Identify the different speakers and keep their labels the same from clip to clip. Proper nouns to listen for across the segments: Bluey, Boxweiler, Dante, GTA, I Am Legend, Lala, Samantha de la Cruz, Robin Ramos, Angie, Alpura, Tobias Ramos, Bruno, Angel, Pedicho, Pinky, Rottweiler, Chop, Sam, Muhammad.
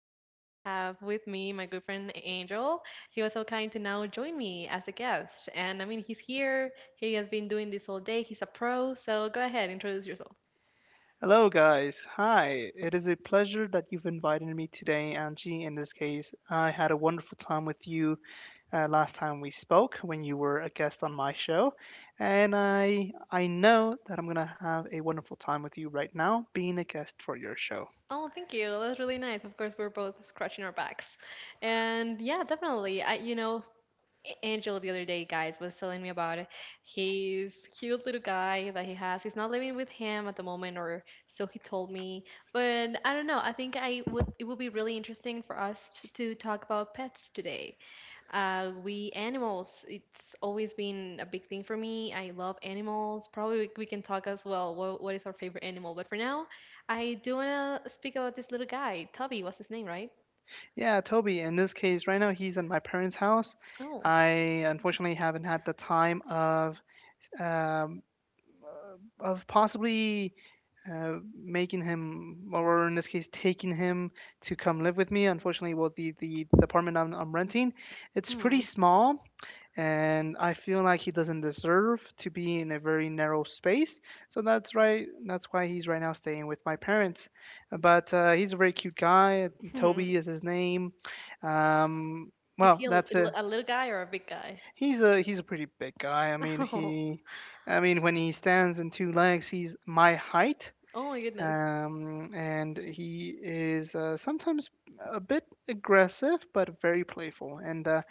Speaker 1: have with me my good friend Angel. He was so kind to now join me as a guest. And I mean, he's here. He has been doing this all day. He's a pro, so go ahead, introduce yourself.
Speaker 2: Hello, guys. Hi. It is a pleasure that you've invited me today, Angie. In this case, I had a wonderful time with you last time we spoke when you were a guest on my show, and I know that I'm gonna have a wonderful time with you right now, being a guest for your show.
Speaker 1: Oh, thank you. That's really nice. Of course, we're both scratching our backs. And yeah, definitely. Angel the other day, guys, was telling me about his cute little guy that he has. He's not living with him at the moment, or so he told me. But I don't know. I think I would. It would be really interesting for us to talk about pets today. We animals. It's always been a big thing for me. I love animals. Probably we can talk as well. What is our favorite animal? But for now, I do wanna speak about this little guy. Tubby was his name, right?
Speaker 2: Yeah, Toby. In this case, right now he's at my parents' house.
Speaker 1: Oh.
Speaker 2: I unfortunately haven't had the time um, of possibly making him, or in this case, taking him to come live with me. Unfortunately, well, the apartment I'm renting, it's pretty
Speaker 1: Hmm.
Speaker 2: small, and I feel like he doesn't deserve to be in a very narrow space. So that's right. That's why he's right now staying with my parents. But he's a very cute guy. Toby is his name. Um,
Speaker 1: Is
Speaker 2: well,
Speaker 1: he a,
Speaker 2: that's
Speaker 1: l-
Speaker 2: it.
Speaker 1: a little guy or a big guy?
Speaker 2: He's a pretty big guy. I mean when he stands in two legs, he's my height.
Speaker 1: Oh, oh my goodness.
Speaker 2: And he is sometimes a bit aggressive, but very playful and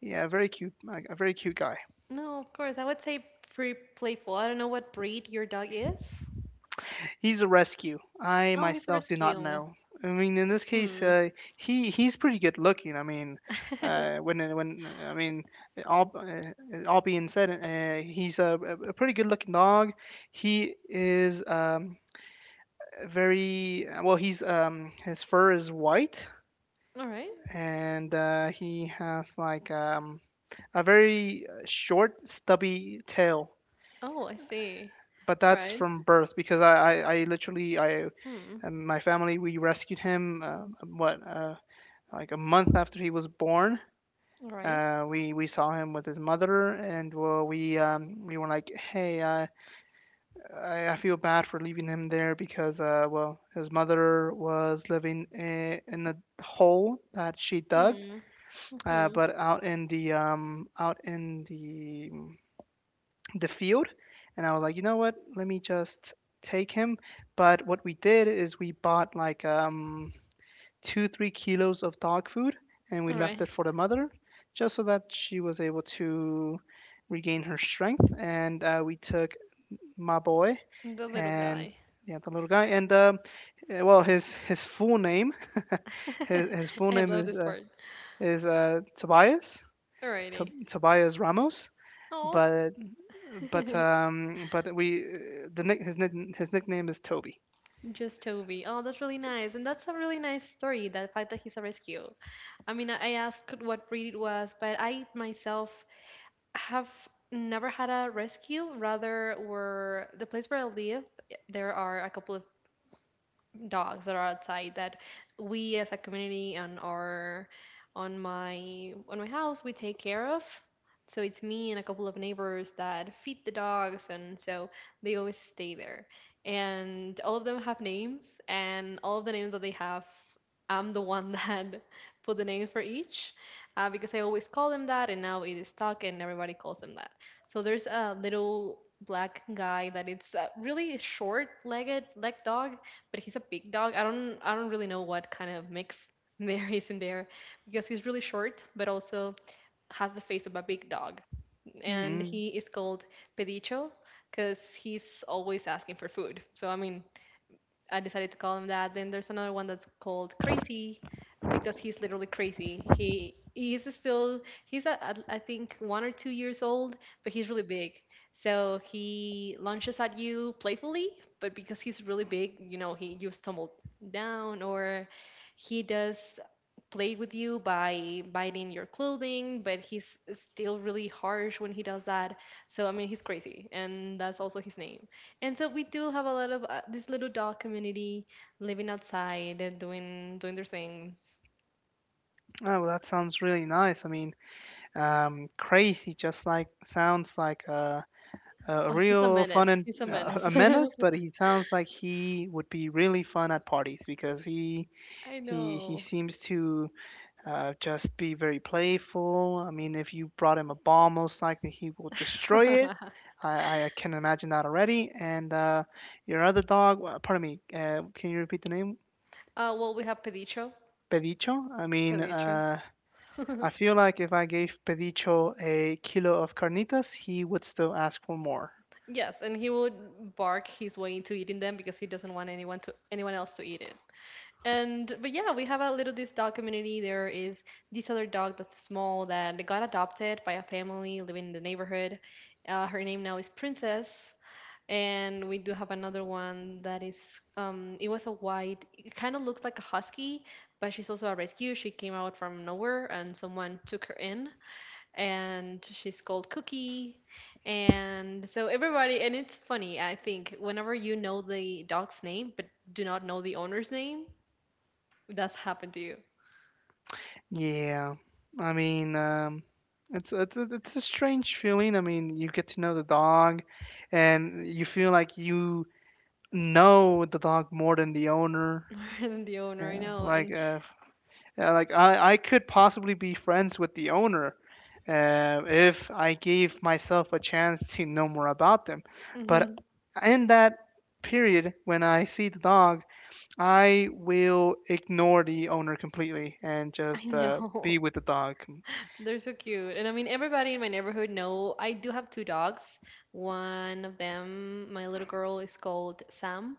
Speaker 2: yeah, very cute, like, a very cute guy.
Speaker 1: No, of course. I would say pretty playful. I don't know what breed your dog is.
Speaker 2: He's a rescue. I
Speaker 1: Oh, he's a
Speaker 2: myself do not
Speaker 1: rescue.
Speaker 2: know. I mean, in this case,
Speaker 1: Hmm.
Speaker 2: he's pretty good looking. I mean, when I mean, all uh, all being said, he's a pretty good looking dog. He is very well. He's his fur is white,
Speaker 1: All right.
Speaker 2: and he has like a very short, stubby tail.
Speaker 1: Oh, I see.
Speaker 2: But
Speaker 1: All
Speaker 2: that's
Speaker 1: right.
Speaker 2: from birth because I
Speaker 1: Hmm.
Speaker 2: and my family we rescued him what like a month after he was born.
Speaker 1: All right.
Speaker 2: We saw him with his mother and well, we were like, hey, I feel bad for leaving him there because well his mother was living in a hole that she dug,
Speaker 1: Hmm. Mhm.
Speaker 2: but out in the field, and I was like, you know what, let me just take him. But what we did is we bought like two, 3 kilos of dog food, and we
Speaker 1: All
Speaker 2: left
Speaker 1: right.
Speaker 2: it for the mother just so that she was able to regain her strength. And we took my boy
Speaker 1: The little
Speaker 2: and
Speaker 1: guy.
Speaker 2: yeah, the little guy, and well, his full name, his full
Speaker 1: I
Speaker 2: name
Speaker 1: love
Speaker 2: is
Speaker 1: this part.
Speaker 2: Tobias,
Speaker 1: Alrighty.
Speaker 2: Tobias Ramos,
Speaker 1: Oh,
Speaker 2: but but we the nick his nickname is Toby.
Speaker 1: just Toby. Oh, that's really nice. And that's a really nice story, that fact that he's a rescue. I mean, I asked what breed it was, but I myself have never had a rescue. Rather, were the place where I live, there are a couple of dogs that are outside that we as a community on my house we take care of. So it's me and a couple of neighbors that feed the dogs, and so they always stay there. And all of them have names, and all of the names that they have, I'm the one that put the names for each, because I always call them that, and now it is stuck and everybody calls them that. So there's a little black guy that it's a really short leg dog, but he's a big dog. I don't really know what kind of mix there is in there, because he's really short, but also has the face of a big dog. And
Speaker 2: mm
Speaker 1: he is called Pedicho, because he's always asking for food. So I mean, I decided to call him that. Then there's another one that's called Crazy, because he's literally crazy. He is still he's a- I think 1 or 2 years old, but he's really big. So he lunges at you playfully, but because he's really big, he you stumble down, or he does play with you by biting your clothing, but he's still really harsh when he does that. So I mean, he's crazy, and that's also his name. And so we do have a lot of, this little dog community living outside and doing their things.
Speaker 2: Oh, well, that sounds really nice. I mean, crazy. Just like sounds like a
Speaker 1: Oh, he's a
Speaker 2: real
Speaker 1: menace.
Speaker 2: fun and
Speaker 1: He's a menace.
Speaker 2: a menace, but he sounds like he would be really fun at parties because
Speaker 1: I
Speaker 2: he
Speaker 1: know.
Speaker 2: seems to just be very playful. I mean, if you brought him a bomb, most likely he will destroy it.
Speaker 1: uh,
Speaker 2: I, I can imagine that already. And your other dog, pardon me, can you repeat the name?
Speaker 1: well, we have Pedicho.
Speaker 2: Pedicho. I mean,
Speaker 1: Pedicho.
Speaker 2: I feel like if I gave Pedicho a kilo of carnitas, he would still ask for more.
Speaker 1: Yes, and he would bark his way into eating them, because he doesn't want anyone else to eat it. And but yeah, we have a little this dog community. There is this other dog that's small that got adopted by a family living in the neighborhood. Her name now is Princess, and we do have another one that is it was a white, it kind of looked like a husky, but she's also a rescue. She came out from nowhere, and someone took her in, and she's called Cookie. And so everybody, and it's funny, I think, whenever you know the dog's name but do not know the owner's name, that's happened to you.
Speaker 2: Yeah, I mean, it's a strange feeling. I mean, you get to know the dog, and you feel like you know the dog more than the owner.
Speaker 1: More than the owner, I
Speaker 2: Yeah,
Speaker 1: know.
Speaker 2: like
Speaker 1: And
Speaker 2: uh, yeah, like I could possibly be friends with the owner. If I gave myself a chance to know more about them, but
Speaker 1: hmm
Speaker 2: in that period when I see the dog, I will ignore the owner completely and
Speaker 1: I
Speaker 2: just be
Speaker 1: know.
Speaker 2: with the dog.
Speaker 1: They're so cute. And I mean, everybody in my neighborhood know I do have two dogs. One of them, my little girl, is called Sam.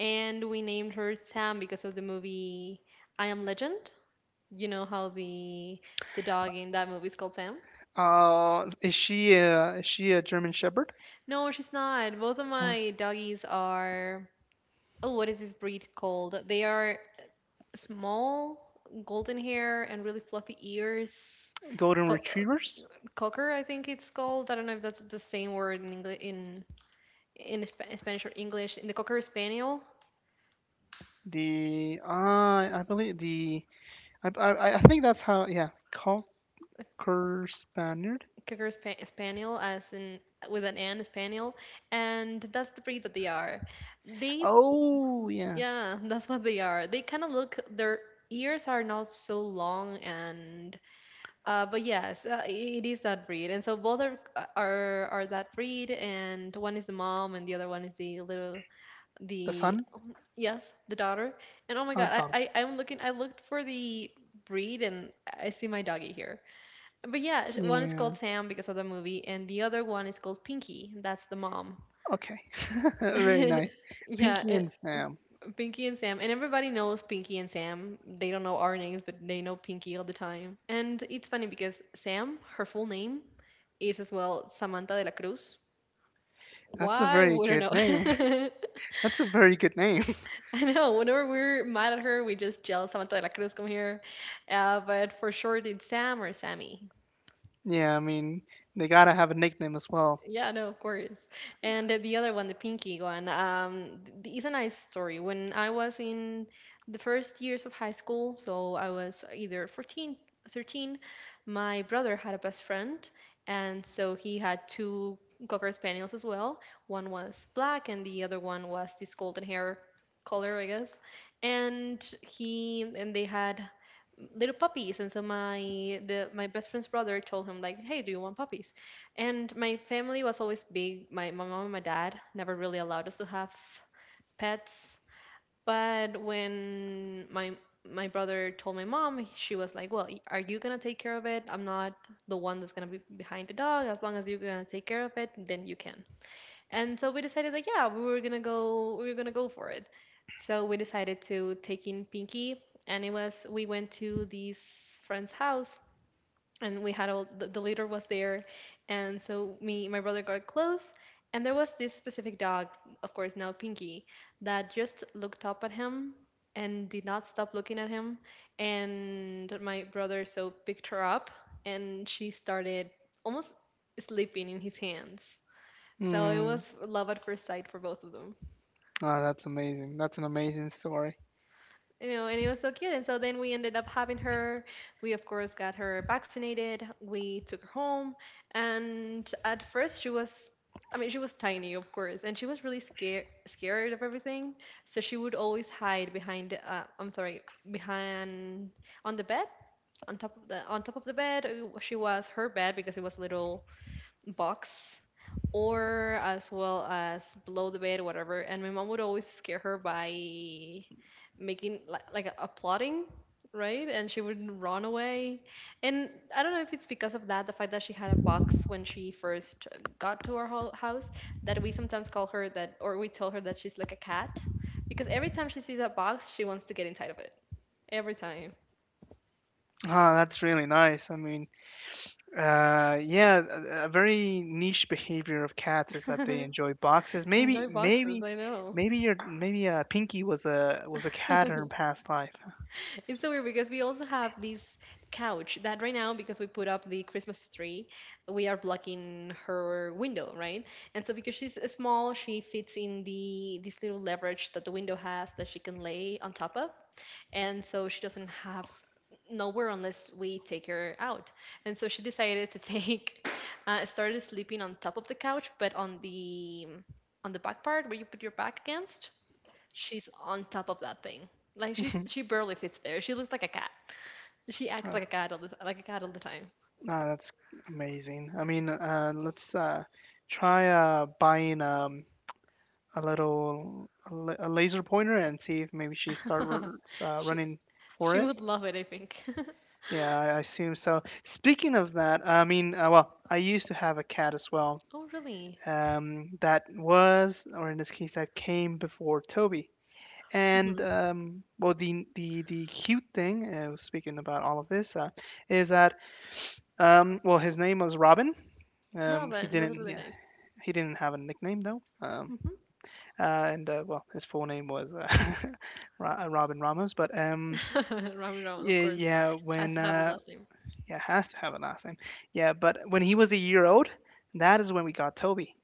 Speaker 1: And we named her Sam because of the movie I Am Legend. You know how the dog in that movie is called Sam?
Speaker 2: Is she a, is she a German Shepherd?
Speaker 1: No, she's not. Both of
Speaker 2: Uh,
Speaker 1: my doggies are, oh, what is this breed called? They are small, golden hair, and really fluffy ears.
Speaker 2: Golden
Speaker 1: Co- uh,
Speaker 2: Retrievers?
Speaker 1: cocker, I think it's called. I don't know if that's the same word in English, in Spanish or English. In the cocker spaniel,
Speaker 2: The I believe the I think that's how, yeah, Cocker Spaniard?
Speaker 1: cocker spaniel, as in with an N, spaniel, and that's the breed that they are. They,
Speaker 2: Oh yeah,
Speaker 1: yeah, that's what they are. They kind of look. Their ears are not so long, and But yes, it is that breed, and so both are are that breed, and one is the mom, and the other one is the little,
Speaker 2: the
Speaker 1: the,
Speaker 2: son,
Speaker 1: yes, the daughter. And, oh my God,
Speaker 2: daughter.
Speaker 1: I I'm looking I looked for the breed, and I see my doggy here. But yeah, one is
Speaker 2: Yeah.
Speaker 1: called Sam because of the movie, and the other one is called Pinky. That's the mom.
Speaker 2: Okay. Very nice.
Speaker 1: Yeah,
Speaker 2: Pinky and Sam.
Speaker 1: Pinky and Sam, and everybody knows Pinky and Sam. They don't know our names, but they know Pinky all the time. And it's funny because Sam, her full name, is as well Samantha de la Cruz.
Speaker 2: That's a
Speaker 1: Why?
Speaker 2: very
Speaker 1: We don't
Speaker 2: good
Speaker 1: know.
Speaker 2: name. That's a very good name.
Speaker 1: I know. Whenever we're mad at her, we just yell, "Samantha de la Cruz, come here." But for short, it's Sam or Sammy.
Speaker 2: Yeah, I mean, they gotta have a nickname as well.
Speaker 1: Yeah, no, of course. And the other one, the pinky one, is a nice story. When I was in the first years of high school, so I was either 14, 13. My brother had a best friend, and so he had two Cocker Spaniels as well. One was black, and the other one was this golden hair color, I guess. And he and they had little puppies, and so my best friend's brother told him, like, "Hey, do you want puppies?" And my family was always big. My mom and my dad never really allowed us to have pets. But when my brother told my mom, she was like, "Well, are you gonna take care of it? I'm not the one that's gonna be behind the dog. As long as you're gonna take care of it, then you can." And so we decided, like, yeah, we were gonna go for it. So we decided to take in Pinky, and it was we went to this friend's house, and we had all the leader was there, and so me my brother got close, and there was this specific dog, of course now Pinky, that just looked up at him and did not stop looking at him. And my brother so picked her up, and she started almost sleeping in his hands. So it
Speaker 2: Mm,
Speaker 1: was love at first sight for both of them.
Speaker 2: Ah, that's amazing. That's an amazing story.
Speaker 1: And it was so cute. And so then we ended up having her. We, of course, got her vaccinated. We took her home. And at first, she was, I mean, she was tiny, of course, and she was really scared, scared of everything. So she would always hide behind, I'm sorry, behind, on the bed, on top of the bed. She was her bed because it was a little box, or as well as below the bed, whatever. And my mom would always scare her by making, like a plotting, right? And she would run away. And I don't know if it's because of that, the fact that she had a box when she first got to our house, that we sometimes call her that, or we tell her that she's like a cat, because every time she sees a box she wants to get inside of it, every time.
Speaker 2: Ah, that's really nice. I mean, yeah, a very niche behavior of cats is that they enjoy boxes. Maybe,
Speaker 1: Enjoy boxes,
Speaker 2: maybe,
Speaker 1: I know.
Speaker 2: maybe your maybe uh, Pinky was a cat in her past life.
Speaker 1: It's so weird because we also have this couch that right now, because we put up the Christmas tree, we are blocking her window, right? And so because she's small, she fits in the this little leverage that the window has that she can lay on top of, and so she doesn't have nowhere unless we take her out. And so she decided to take, started sleeping on top of the couch, but on the back part where you put your back against. She's on top of that thing. Like, she's
Speaker 2: Mhm.
Speaker 1: she barely fits there. She looks like a cat. She acts
Speaker 2: Uh,
Speaker 1: like a cat all the time.
Speaker 2: ah, that's amazing. I mean, let's try buying a little a laser pointer and see if maybe she start r- uh,
Speaker 1: she
Speaker 2: running for
Speaker 1: she
Speaker 2: it.
Speaker 1: would love it, I think.
Speaker 2: Yeah, I assume so. Speaking of that, I mean, well, I used to have a cat as well.
Speaker 1: Oh, really?
Speaker 2: That was, or in this case, that came before Toby. And
Speaker 1: Hmm.
Speaker 2: well, the cute thing, speaking about all of this, is that well, his name was Robin. Um, he
Speaker 1: Robin, that's
Speaker 2: didn't,
Speaker 1: really
Speaker 2: yeah,
Speaker 1: nice.
Speaker 2: he didn't have a nickname though. And well, his full name was Robin Ramos. But
Speaker 1: Hmm. Robin, of
Speaker 2: yeah,
Speaker 1: course,
Speaker 2: yeah,
Speaker 1: has
Speaker 2: when
Speaker 1: to have the last name.
Speaker 2: yeah, it has to have a last name. Yeah, but when he was a year old, that is when we got Toby.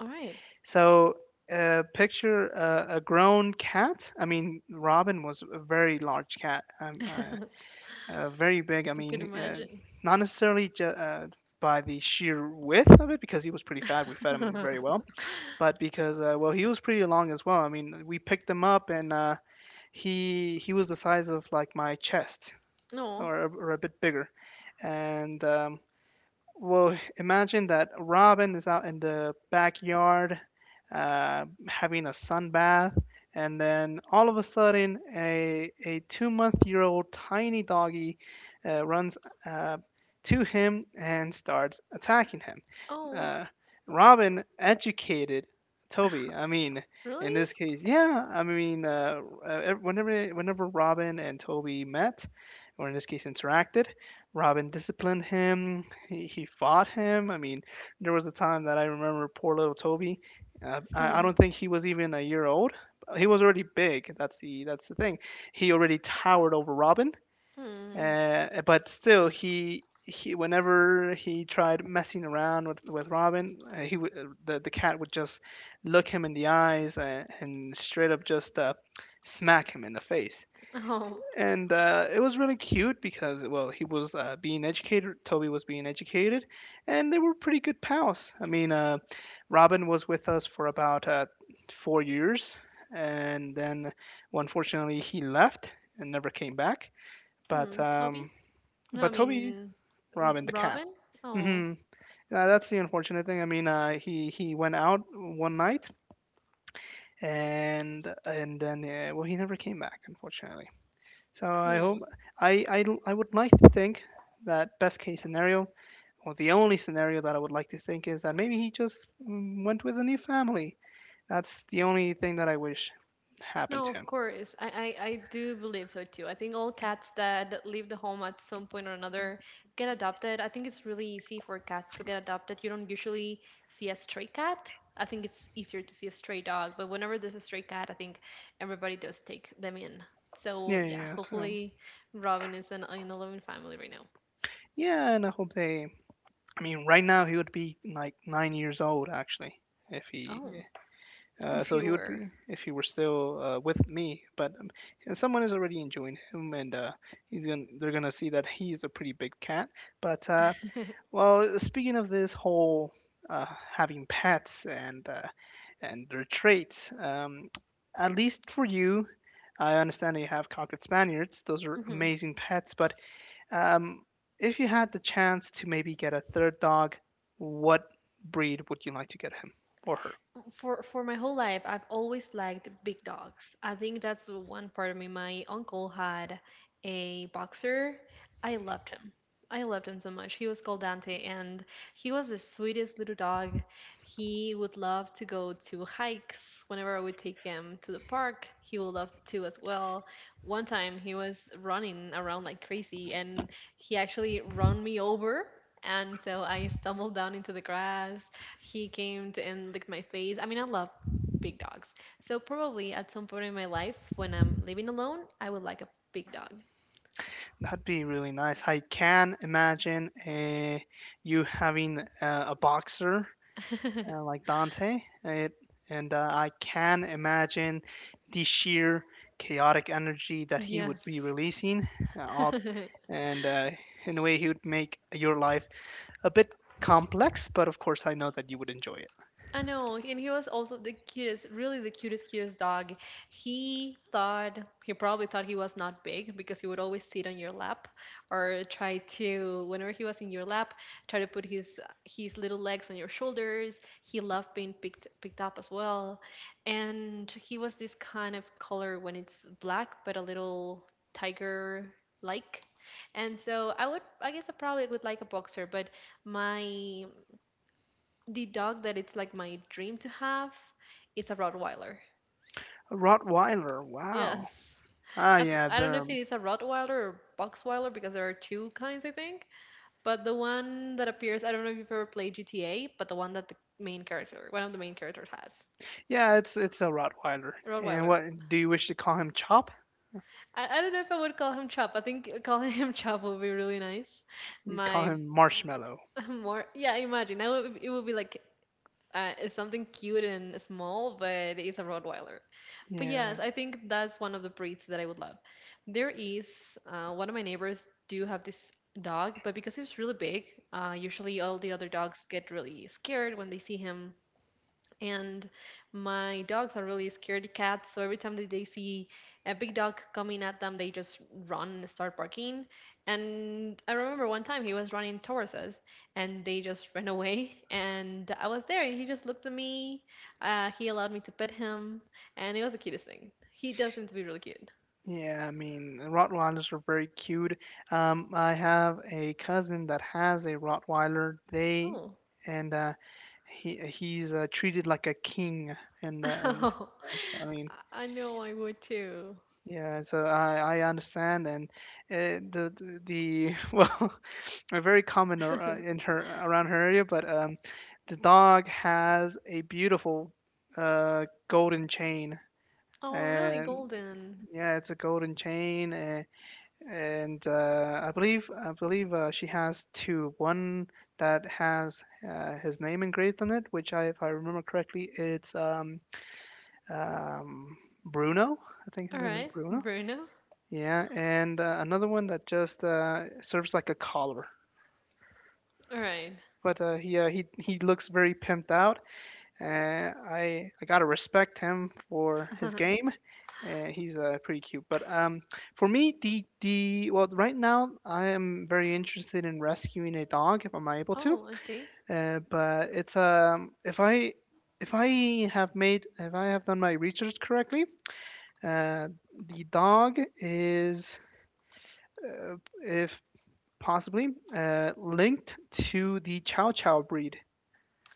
Speaker 1: All right.
Speaker 2: So picture a grown cat. I mean, Robin was a very large cat,
Speaker 1: I
Speaker 2: very big.
Speaker 1: could imagine.
Speaker 2: Not necessarily by the sheer width of it, because he was pretty fat. We fed him very well, but because well, he was pretty long as well. I mean, we picked him up, and he was the size of like my chest,
Speaker 1: No.
Speaker 2: or a bit bigger, and well, imagine that Robin is out in the backyard having a sunbath, and then all of a sudden, a 2 month year old tiny doggy runs uh, to him and starts attacking him.
Speaker 1: Oh,
Speaker 2: Uh, Robin educated Toby. I mean, in
Speaker 1: really?
Speaker 2: this case, yeah. I mean, whenever Robin and Toby met, or in this case interacted, Robin disciplined him. He fought him. I mean, there was a time that I remember poor little Toby. I
Speaker 1: Hmm.
Speaker 2: don't think he was even a year old. He was already big. That's the thing. He already towered over Robin,
Speaker 1: Hmm.
Speaker 2: but still, he whenever he tried messing around with Robin, he would the cat would just look him in the eyes, and straight up just smack him in the face.
Speaker 1: Oh.
Speaker 2: And it was really cute because well, he was being educated. Toby was being educated, and they were pretty good pals. I mean, Robin was with us for about 4 years, and then well, unfortunately he left and never came back. But
Speaker 1: Hmm. Toby? No, I
Speaker 2: Toby.
Speaker 1: mean n-
Speaker 2: Robin, the cat.
Speaker 1: Robin? Oh.
Speaker 2: hmm that's the unfortunate thing. I mean, he went out one night and then well, he never came back, unfortunately. So I hope.
Speaker 1: Hmm.
Speaker 2: I would like to think that best case scenario, or the only scenario that I would like to think is that maybe he just went with a new family. That's the only thing that I wish happened
Speaker 1: No,
Speaker 2: to
Speaker 1: of
Speaker 2: him.
Speaker 1: course. I do believe so too. I think all cats that leave the home at some point or another get adopted. I think it's really easy for cats to get adopted. You don't usually see a stray cat. I think it's easier to see a stray dog, but whenever there's a stray cat, I think everybody does take them in. So
Speaker 2: Yeah,
Speaker 1: yeah,
Speaker 2: yeah. So
Speaker 1: hopefully Robin is in a loving family right now.
Speaker 2: yeah, and I hope they. I mean, right now he would be like 9 years old actually if he.
Speaker 1: Oh, if
Speaker 2: So
Speaker 1: he
Speaker 2: he would
Speaker 1: were.
Speaker 2: be if he were still with me, but and someone is already enjoying him, and he's gonna they're gonna see that he's a pretty big cat. But well, speaking of this whole uh, having pets and their traits, at least for you, I understand that you have cocker spaniels. Those are amazing pets. But um, if you had the chance to maybe get a third dog, what breed would you like to get him or her?
Speaker 1: For my whole life, I've always liked big dogs. I think that's one part of me. My uncle had a boxer. I loved him. I loved him so much. He was called Dante, and he was the sweetest little dog. He would love to go to hikes. Whenever I would take him to the park, he would love to as well. One time, he was running around like crazy, and he actually run me over. And so I stumbled down into the grass he came and licked my face. I mean, I love big dogs. So probably at some point in my life, when I'm living alone, I would like a big dog.
Speaker 2: That'd be really nice. I can imagine you having a boxer like Dante, it, and I can imagine the sheer chaotic energy that he would be
Speaker 1: Yes.
Speaker 2: releasing uh, up, and in a way, he would make your life a bit complex, but of course, I know that you would enjoy it.
Speaker 1: I know, and he was also the cutest, really the cutest, cutest dog. He thought, he probably thought he was not big because he would always sit on your lap or try to, whenever he was in your lap, try to put his little legs on your shoulders. He loved being picked up as well, and he was this kind of color when it's black, but a little tiger like. And so I would, I guess I probably would like a boxer, but my the dog that it's like my dream to have is a Rottweiler.
Speaker 2: A Rottweiler, wow.
Speaker 1: Yes.
Speaker 2: Ah, yeah,
Speaker 1: I don't know
Speaker 2: they're
Speaker 1: if it is a Rottweiler or Boxweiler because there are two kinds, I think. But the one that appears, I don't know if you've ever played GTA, but the one that the main character, one of the main characters has.
Speaker 2: yeah, it's a Rottweiler. And
Speaker 1: Rottweiler.
Speaker 2: what do you wish to call him? Chop?
Speaker 1: I don't know if I would call him Chop. I think call him Chop would be really nice.
Speaker 2: You call
Speaker 1: My
Speaker 2: him Marshmallow.
Speaker 1: More, yeah, imagine. Now it would be like it's something cute and small, but it's a Rottweiler. But yes,
Speaker 2: Yeah,
Speaker 1: I think that's one of the breeds that I would love. There is one of my neighbors do have this dog, but because he's really big, usually all the other dogs get really scared when they see him and my dogs are really scaredy cats, so every time that they see a big dog coming at them, they just run and start barking. And I remember one time he was running towards us, and they just ran away, and I was there, and he just looked at me. He allowed me to pet him, and it was the cutest thing. He does seem to be really cute.
Speaker 2: yeah. I mean, Rottweilers are very cute. I have a cousin that has a Rottweiler. They
Speaker 1: Oh.
Speaker 2: and he's treated like a king, and
Speaker 1: Oh,
Speaker 2: I mean,
Speaker 1: I know, I would too.
Speaker 2: yeah. So I understand, and the well, are very common in her around her area. But the dog has a beautiful golden chain,
Speaker 1: Oh, really?
Speaker 2: and
Speaker 1: Golden.
Speaker 2: yeah, it's a golden chain. And I believe she has two. One that has his name engraved on it, which I, if I remember correctly, it's um, Bruno. I think his
Speaker 1: All
Speaker 2: name is, yeah,
Speaker 1: right,
Speaker 2: Bruno.
Speaker 1: Bruno.
Speaker 2: Yeah, and another one that just serves like a collar.
Speaker 1: All right.
Speaker 2: But he he looks very pimped out. I gotta respect him for his game. He's pretty cute. But For me, right now I am very interested in rescuing a dog if I'm able to.
Speaker 1: Oh, I see.
Speaker 2: But it's, if I if I have done my research correctly, uh, the dog is, uh, if possibly linked to the Chow Chow breed.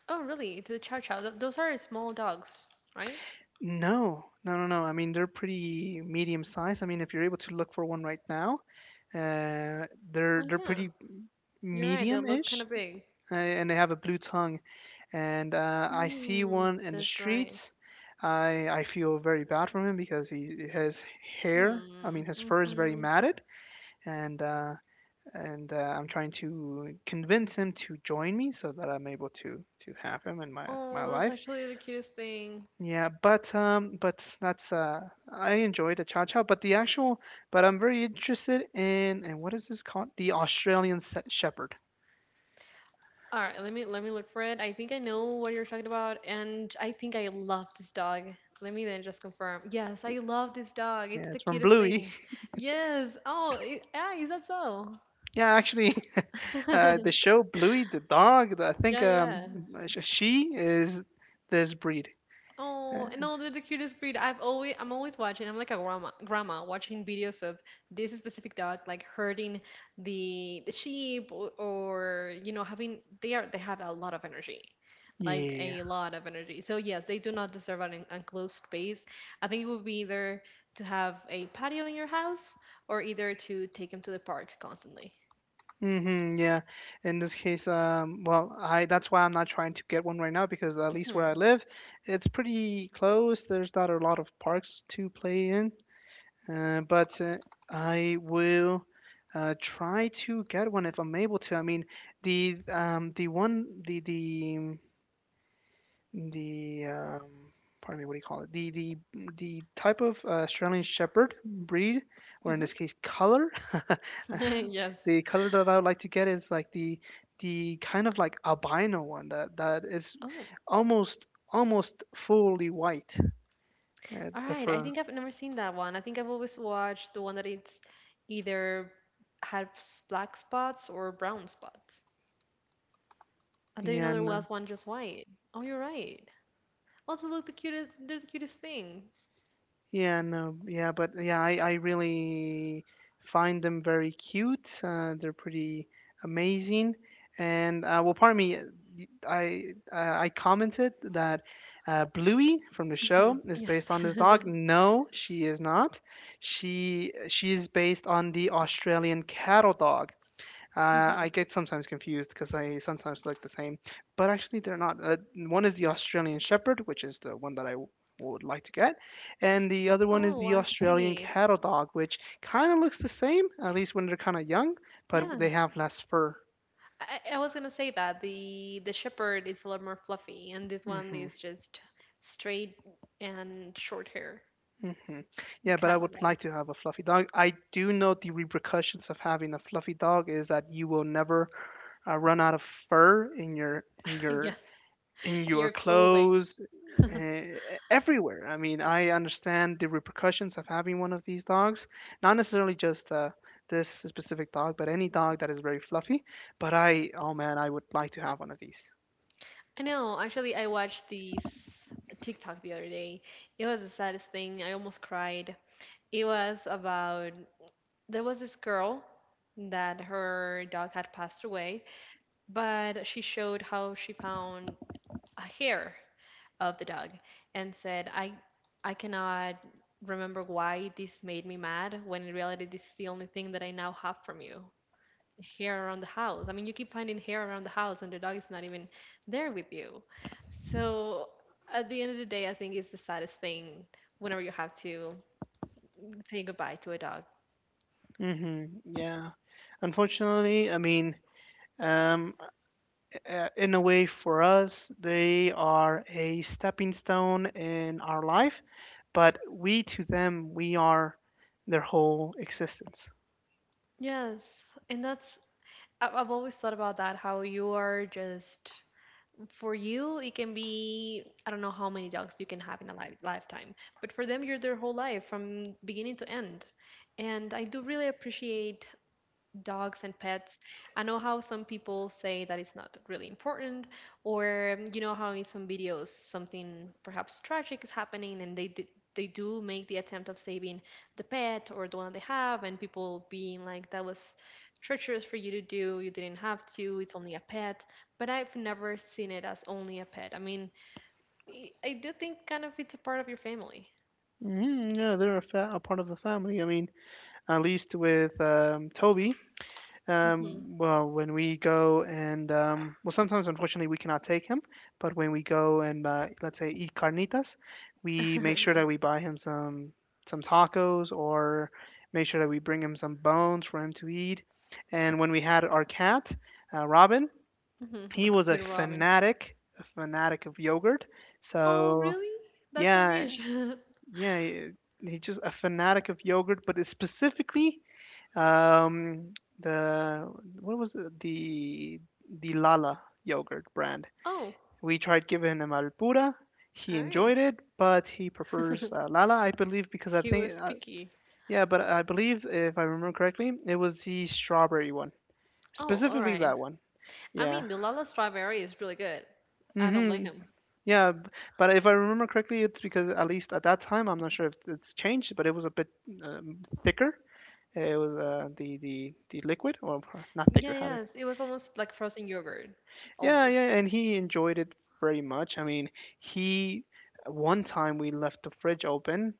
Speaker 1: Oh, really? The chow chow. Those are small dogs, right?
Speaker 2: No, no, no, no. I mean, they're pretty medium size. I mean, if you're able to look for one right now, uh,
Speaker 1: Oh,
Speaker 2: they're
Speaker 1: yeah.
Speaker 2: pretty
Speaker 1: You're right. They look kind
Speaker 2: medium-ish,
Speaker 1: of big.
Speaker 2: and they have a blue tongue. And I see
Speaker 1: Mm,
Speaker 2: one in the
Speaker 1: that's right.
Speaker 2: streets. I feel very bad for him because he his hair, I
Speaker 1: Mm,
Speaker 2: mean, his fur is very
Speaker 1: mm-hmm.
Speaker 2: matted, and uh, and I'm trying to convince him to join me so that I'm able to have him in my
Speaker 1: Oh, that's
Speaker 2: life.
Speaker 1: actually the cutest thing.
Speaker 2: Yeah, but that's I enjoy the chow chow, but the actual, but I'm very interested in. And what is this called? The Australian Shepherd.
Speaker 1: All right, let me look for it. I think I know what you're talking about, and I think I love this dog. Let me then just confirm. Yes, I love this dog. It's
Speaker 2: Yeah,
Speaker 1: the
Speaker 2: it's from
Speaker 1: cutest
Speaker 2: Bluey.
Speaker 1: thing. Yes. Oh, I ah, is that so?
Speaker 2: Yeah, actually, the show Bluey the dog. I think,
Speaker 1: Yeah, yes.
Speaker 2: she is this breed.
Speaker 1: Oh,
Speaker 2: Uh,
Speaker 1: no, they're the cutest breed. I've always I'm always watching. I'm like a grandma, grandma watching videos of this specific dog like herding the sheep, or you know having they are they have a lot of energy. Like
Speaker 2: yeah.
Speaker 1: a lot of energy. So yes, they do not deserve an enclosed space. I think it would be either to have a patio in your house, or either to take them to the park constantly.
Speaker 2: Mm-hmm, yeah. In this case, well, I that's why I'm not trying to get one right now because at least where I
Speaker 1: Hmm.
Speaker 2: live, it's pretty close. There's not a lot of parks to play in. But I will try to get one if I'm able to. I mean, the one the pardon me, what do you call it? The type of Australian Shepherd breed, or in
Speaker 1: Hmm.
Speaker 2: this case, color.
Speaker 1: Yes.
Speaker 2: The color that I would like to get is like the kind of like albino one that is
Speaker 1: Oh.
Speaker 2: almost fully white,
Speaker 1: All
Speaker 2: the
Speaker 1: right, I
Speaker 2: fur.
Speaker 1: think I've never seen that one. I think I've always watched the one that it's either has black spots or brown spots. I didn't know there
Speaker 2: And
Speaker 1: was one just white. Oh, you're right. Oh, they look the cutest. They're the cutest things.
Speaker 2: Yeah, no, yeah, but yeah, I really find them very cute. They're pretty amazing. And well, pardon me, y- I I commented that, Bluey from the show
Speaker 1: Hmm.
Speaker 2: is
Speaker 1: Yes.
Speaker 2: based on this dog. No, she is not. She is based on the Australian cattle dog.
Speaker 1: Hmm.
Speaker 2: I get sometimes confused because they sometimes look the same, but actually they're not. One is the Australian Shepherd, which is the one that would like to get, and the other one is
Speaker 1: Oh,
Speaker 2: the
Speaker 1: I
Speaker 2: Australian
Speaker 1: see.
Speaker 2: Cattle Dog, which kind of looks the same, at least when they're kind of young, but
Speaker 1: Yeah,
Speaker 2: they have less fur.
Speaker 1: I was gonna say that the shepherd is a lot more fluffy, and this one
Speaker 2: hmm
Speaker 1: is just straight and short hair.
Speaker 2: hmm
Speaker 1: The
Speaker 2: Yeah, but I
Speaker 1: cattle
Speaker 2: would
Speaker 1: dog.
Speaker 2: like to have a fluffy dog. I do know the repercussions of having a fluffy dog is that you will never run out of fur in your in
Speaker 1: Yes,
Speaker 2: your in your
Speaker 1: your clothing.
Speaker 2: clothes, uh, everywhere. I mean, I understand the repercussions of having one of these dogs, not necessarily just this specific dog, but any dog that is very fluffy. But oh man, I would like to have one of these.
Speaker 1: I know. Actually, I watched this TikTok the other day. It was the saddest thing. I almost cried. It was about there was this girl that her dog had passed away, but she showed how she found a hair of the dog and said, I cannot remember why this made me mad when in reality this is the only thing that I now have from you." Hair around the house. I mean, you keep finding hair around the house, and the dog is not even there with you. So at the end of the day, I think it's the saddest thing whenever you have to say goodbye to a dog.
Speaker 2: Yeah. Unfortunately, I mean, um, in a way for us, they are a stepping stone in our life, but we to them, we are their whole existence.
Speaker 1: Yes, and that's I've always thought about that. How you are just for you, it can be I don't know how many dogs you can have in a lifetime, but for them, you're their whole life from beginning to end. And I do really appreciate dogs and pets. I know how some people say that it's not really important, or you know how in some videos something perhaps tragic is happening and they they do make the attempt of saving the pet or the one that they have, and people being like, "That was treacherous for you to do. You didn't have to. It's only a pet." But I've never seen it as only a pet. I mean, I do think kind of it's a part of your family.
Speaker 2: Yeah, they're a, a part of the family. I mean, at least with, Toby,
Speaker 1: Mm-hmm.
Speaker 2: well, when we go and, well, sometimes unfortunately we cannot take him, but when we go and, let's say, eat carnitas, we make sure that we buy him some tacos or make sure that we bring him some bones for him to eat. And when we had our cat, Robin, he was
Speaker 1: The robin.
Speaker 2: a fanatic of yogurt.
Speaker 1: Oh,
Speaker 2: So,
Speaker 1: really? That's so
Speaker 2: yeah,
Speaker 1: niche.
Speaker 2: yeah, he's just a fanatic of yogurt, but it's specifically, um, the what was it? The Lala yogurt brand.
Speaker 1: Oh,
Speaker 2: We tried giving him Alpura. He
Speaker 1: all right.
Speaker 2: enjoyed it, but he prefers, Lala, I believe, because I
Speaker 1: He
Speaker 2: think,
Speaker 1: was picky.
Speaker 2: yeah, but I believe if I remember correctly, it was the strawberry one,
Speaker 1: Oh, all
Speaker 2: specifically
Speaker 1: right.
Speaker 2: that one.
Speaker 1: I
Speaker 2: Yeah.
Speaker 1: mean, the Lala strawberry is really good. I don't blame
Speaker 2: Mm-hmm.
Speaker 1: him.
Speaker 2: Yeah, but if I remember correctly, it's because at least at that time, I'm not sure if it's changed, but it was a bit, um, thicker. It was, the liquid, or not
Speaker 1: Yeah,
Speaker 2: liquid. How do I?
Speaker 1: yes. It was almost like frozen yogurt.
Speaker 2: Yeah,
Speaker 1: Almost.
Speaker 2: yeah, and he enjoyed it very much. I mean, he one time we left the fridge open,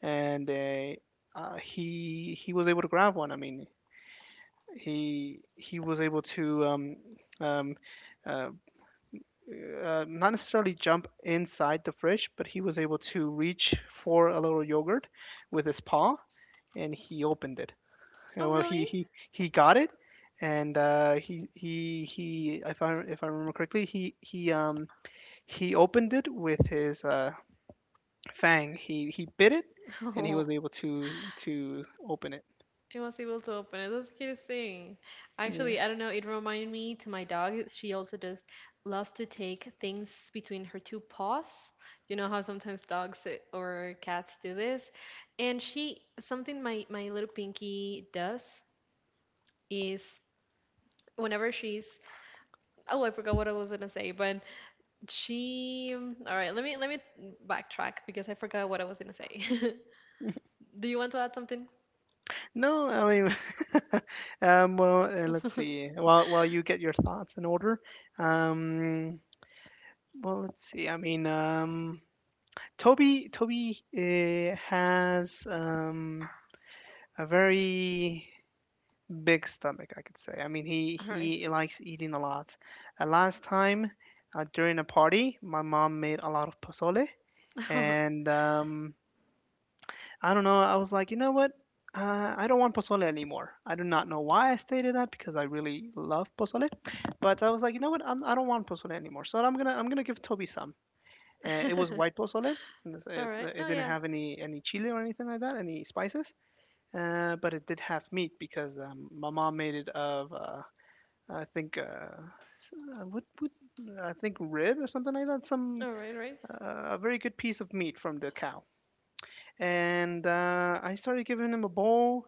Speaker 2: and he was able to grab one. I mean, he was able to, um, uh, not necessarily jump inside the fridge, but he was able to reach for a little yogurt with his paw, and he opened it.
Speaker 1: Oh,
Speaker 2: Well, he
Speaker 1: really?
Speaker 2: he he got it. And he he. If I, remember correctly, he opened it with his, fang. He bit it, and he was able to open it.
Speaker 1: Oh, I was able to open it. That's the cutest thing.
Speaker 2: Yeah.
Speaker 1: Actually, I don't know. It reminded me to my dog. She also just loves to take things between her two paws. You know how sometimes dogs or cats do this? And she, something my, my little pinky does is whenever she's oh, I forgot what I was gonna say, but she all right, let me backtrack because I forgot what I was gonna say. Do you want to add something?
Speaker 2: No, I mean, well, let's
Speaker 1: All
Speaker 2: see. While you get your thoughts in order, um, well, let's see. I mean, Toby has, a very big stomach, I could say. I mean, he
Speaker 1: right.
Speaker 2: he likes eating a lot. Last time, during a party, my mom made a lot of pozole,
Speaker 1: All
Speaker 2: and I don't know. I was like, you know what? I don't want pozole anymore. I do not know why I stated that because I really love pozole, but I was like, you know what? I don't want pozole anymore. So I'm gonna give Toby some. It was white pozole, and It, it
Speaker 1: right. No,
Speaker 2: it didn't
Speaker 1: yeah.
Speaker 2: have any chili or anything like that, any spices. But it did have meat because, my mom made it of, I think uh, uh, would would I think rib or something like that. Some
Speaker 1: All right. Right.
Speaker 2: A very good piece of meat from the cow. And I started giving him a bowl.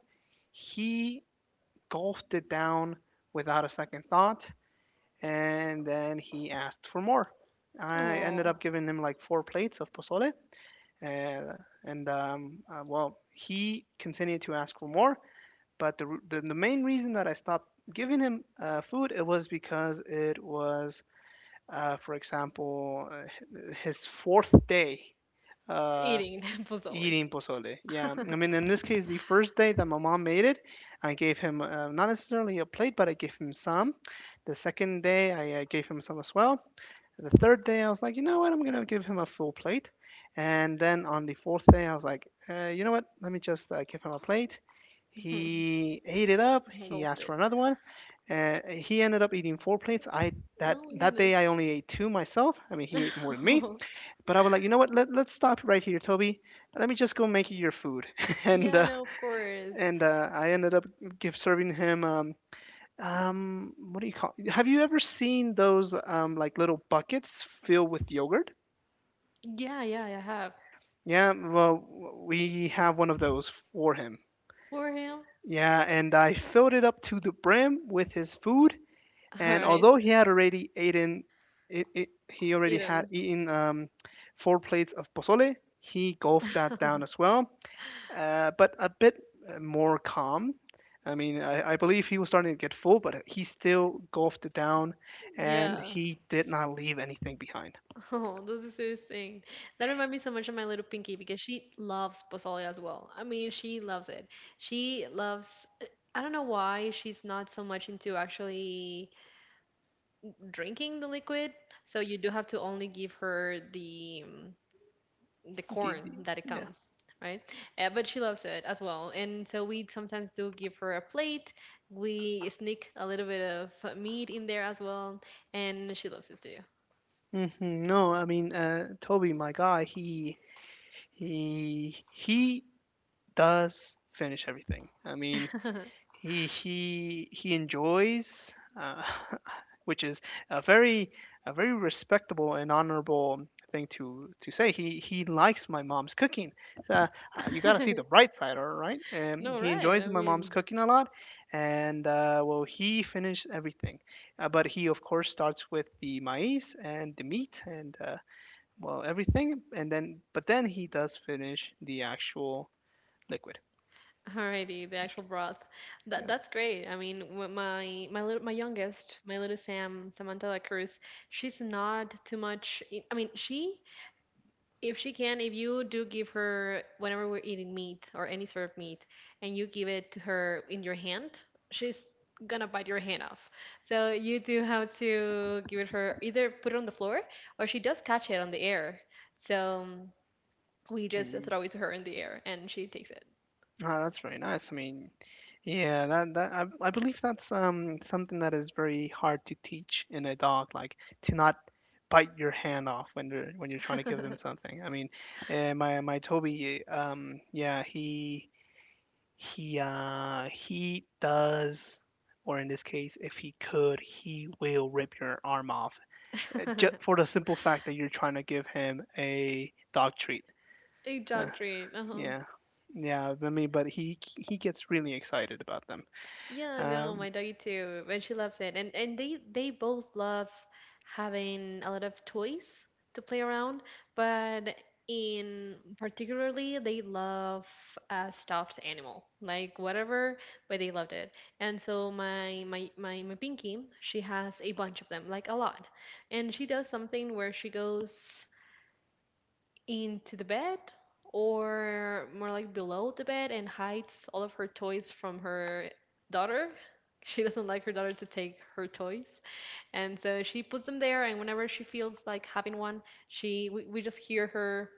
Speaker 2: He gulped it down without a second thought, and then he asked for more. I ended
Speaker 1: Oh,
Speaker 2: up giving him like four plates of pozole, and, and well, he continued to ask for more. But the main reason that I stopped giving him, food, it was because it was, for example, his fourth day, uh,
Speaker 1: eating pozole.
Speaker 2: eating pozole. Yeah, I mean, in this case, the first day that my mom made it, I gave him, not necessarily a plate, but I gave him some. The second day, I, gave him some as well. The third day, I was like, you know what? I'm going to give him a full plate. And then on the fourth day, I was like, you know what? Let me just, give him a plate.
Speaker 1: Mhm.
Speaker 2: He ate it up. He
Speaker 1: Engulfed
Speaker 2: asked
Speaker 1: it.
Speaker 2: for another one. He ended up eating four plates. I That
Speaker 1: Oh my
Speaker 2: that day
Speaker 1: goodness.
Speaker 2: I only ate two myself. I mean, he ate more than me. But I was like, you know what? Let's stop right here, Toby. Let me just go make you your food. and
Speaker 1: Yeah,
Speaker 2: uh,
Speaker 1: no, of course.
Speaker 2: and I ended up serving him, what do you call? Have you ever seen those, like little buckets filled with yogurt?
Speaker 1: Yeah, yeah, I have.
Speaker 2: Yeah, well, we have one of those for him.
Speaker 1: For him.
Speaker 2: Yeah, and I filled it up to the brim with his food,
Speaker 1: All
Speaker 2: and
Speaker 1: right.
Speaker 2: although he had already eaten, he already had
Speaker 1: Eden.
Speaker 2: eaten, four plates of pozole, he gulped that down as well, but a bit, more calm. I mean, I believe he was starting to get full, but he still golfed it down, and
Speaker 1: Yeah.
Speaker 2: he did not leave anything behind.
Speaker 1: Oh, this is so insane. That reminds me so much of my little Pinky because she loves pozole as well. I mean, she loves it. She loves, I don't know why she's not so much into actually drinking the liquid. So you do have to only give her the corn that it
Speaker 2: Yeah.
Speaker 1: comes, right? But she loves it as well. And so we sometimes do give her a plate. We sneak a little bit of meat in there as well, and she loves it
Speaker 2: hmm No, I mean, Toby, my guy, he does finish everything. I mean,
Speaker 1: too.
Speaker 2: he enjoys, uh, which is a very, a very respectable and honorable thing to say. He likes my mom's cooking. So you got to see the bright side, all right? And
Speaker 1: No,
Speaker 2: he
Speaker 1: right.
Speaker 2: enjoys
Speaker 1: I
Speaker 2: my mom's
Speaker 1: mean,
Speaker 2: cooking a lot, and well, he finished everything, but he of course starts with the maize and the meat and, well everything, and then, but then he does finish the actual liquid.
Speaker 1: alrighty, the actual broth. That
Speaker 2: Yeah.
Speaker 1: that's great. I mean, my my little my youngest, my little Sam, Samantha La Cruz, she's not too much. I mean, she if she can, if you do give her whenever we're eating meat or any sort of meat, and you give it to her in your hand, she's gonna bite your hand off. So you do have to give it her either put it on the floor, or she does catch it on the air. So we just
Speaker 2: Mm-hmm.
Speaker 1: throw it to her in the air and she takes it.
Speaker 2: Ah, that's very nice. I mean, yeah, I believe that's, something that is very hard to teach in a dog, like to not bite your hand off when you are when you're trying to give them something. I mean, my Toby, yeah, he does. Or in this case, if he could, he will rip your arm off, just for the simple fact that you're trying to give him a dog treat.
Speaker 1: A
Speaker 2: Uh,
Speaker 1: dog treat. Uh-huh.
Speaker 2: yeah, yeah. I mean, but he gets really excited about them.
Speaker 1: Yeah, no, my
Speaker 2: Um,
Speaker 1: doggy too. But she loves it. And they both love having a lot of toys to play around, but in particularly they love a stuffed animal. Like whatever, but they loved it. And so my Pinky, she has a bunch of them, like a lot. And she does something where she goes into the bed, or more like below the bed, and hides all of her toys from her daughter. She doesn't like her daughter to take her toys, and so she puts them there, and whenever she feels like having one, she we just hear her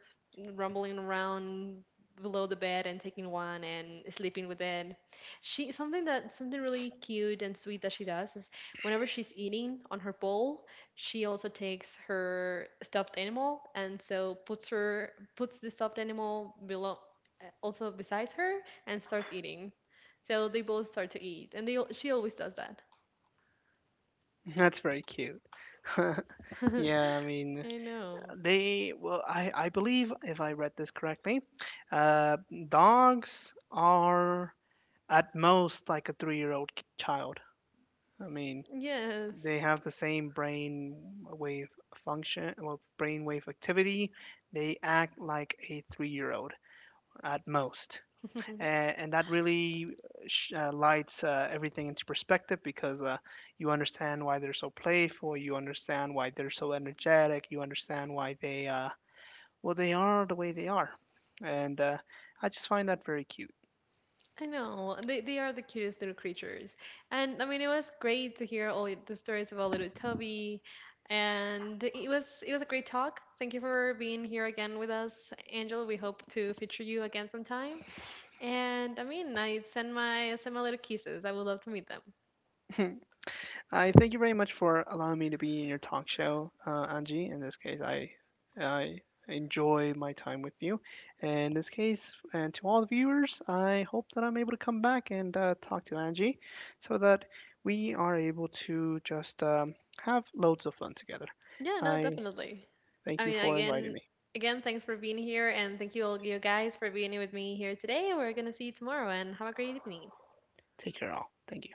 Speaker 1: rumbling around below the bed and taking one and sleeping with it. She something that something really cute and sweet that she does is whenever she's eating on her bowl, she also takes her stuffed animal, and so puts her puts the stuffed animal below, also besides her, and starts eating. So they both start to eat, and she always does that.
Speaker 2: that's very cute. Yeah, I mean,
Speaker 1: I know.
Speaker 2: they well, I believe if I read this correctly, uh, dogs are at most like a 3-year-old child. I mean,
Speaker 1: Yes.
Speaker 2: they have the same brain wave function, well, brain wave activity. They act like a 3-year-old at most. And that really, lights, everything into perspective because, you understand why they're so playful, you understand why they're so energetic, you understand why they, well they are the way they are, and I just find that very cute.
Speaker 1: I know. They are the cutest little creatures. And I mean it was great to hear all the stories about little Toby. And it was a great talk. Thank you for being here again with us, Angel. We hope to feature you again sometime. And I mean, I send my little kisses. I would love to meet them.
Speaker 2: I thank you very much for allowing me to be in your talk show, Angie. In this case, I enjoy my time with you. In this case, and to all the viewers, I hope that I'm able to come back and, talk to Angie, so that we are able to just, have loads of fun together.
Speaker 1: Yeah, no,
Speaker 2: I
Speaker 1: definitely.
Speaker 2: thank
Speaker 1: I
Speaker 2: you
Speaker 1: mean,
Speaker 2: for inviting
Speaker 1: again,
Speaker 2: me.
Speaker 1: again, thanks for being here, and thank you all you guys for being here with me here today. We're gonna see you tomorrow, and have a great evening.
Speaker 2: Take care, all. Thank you.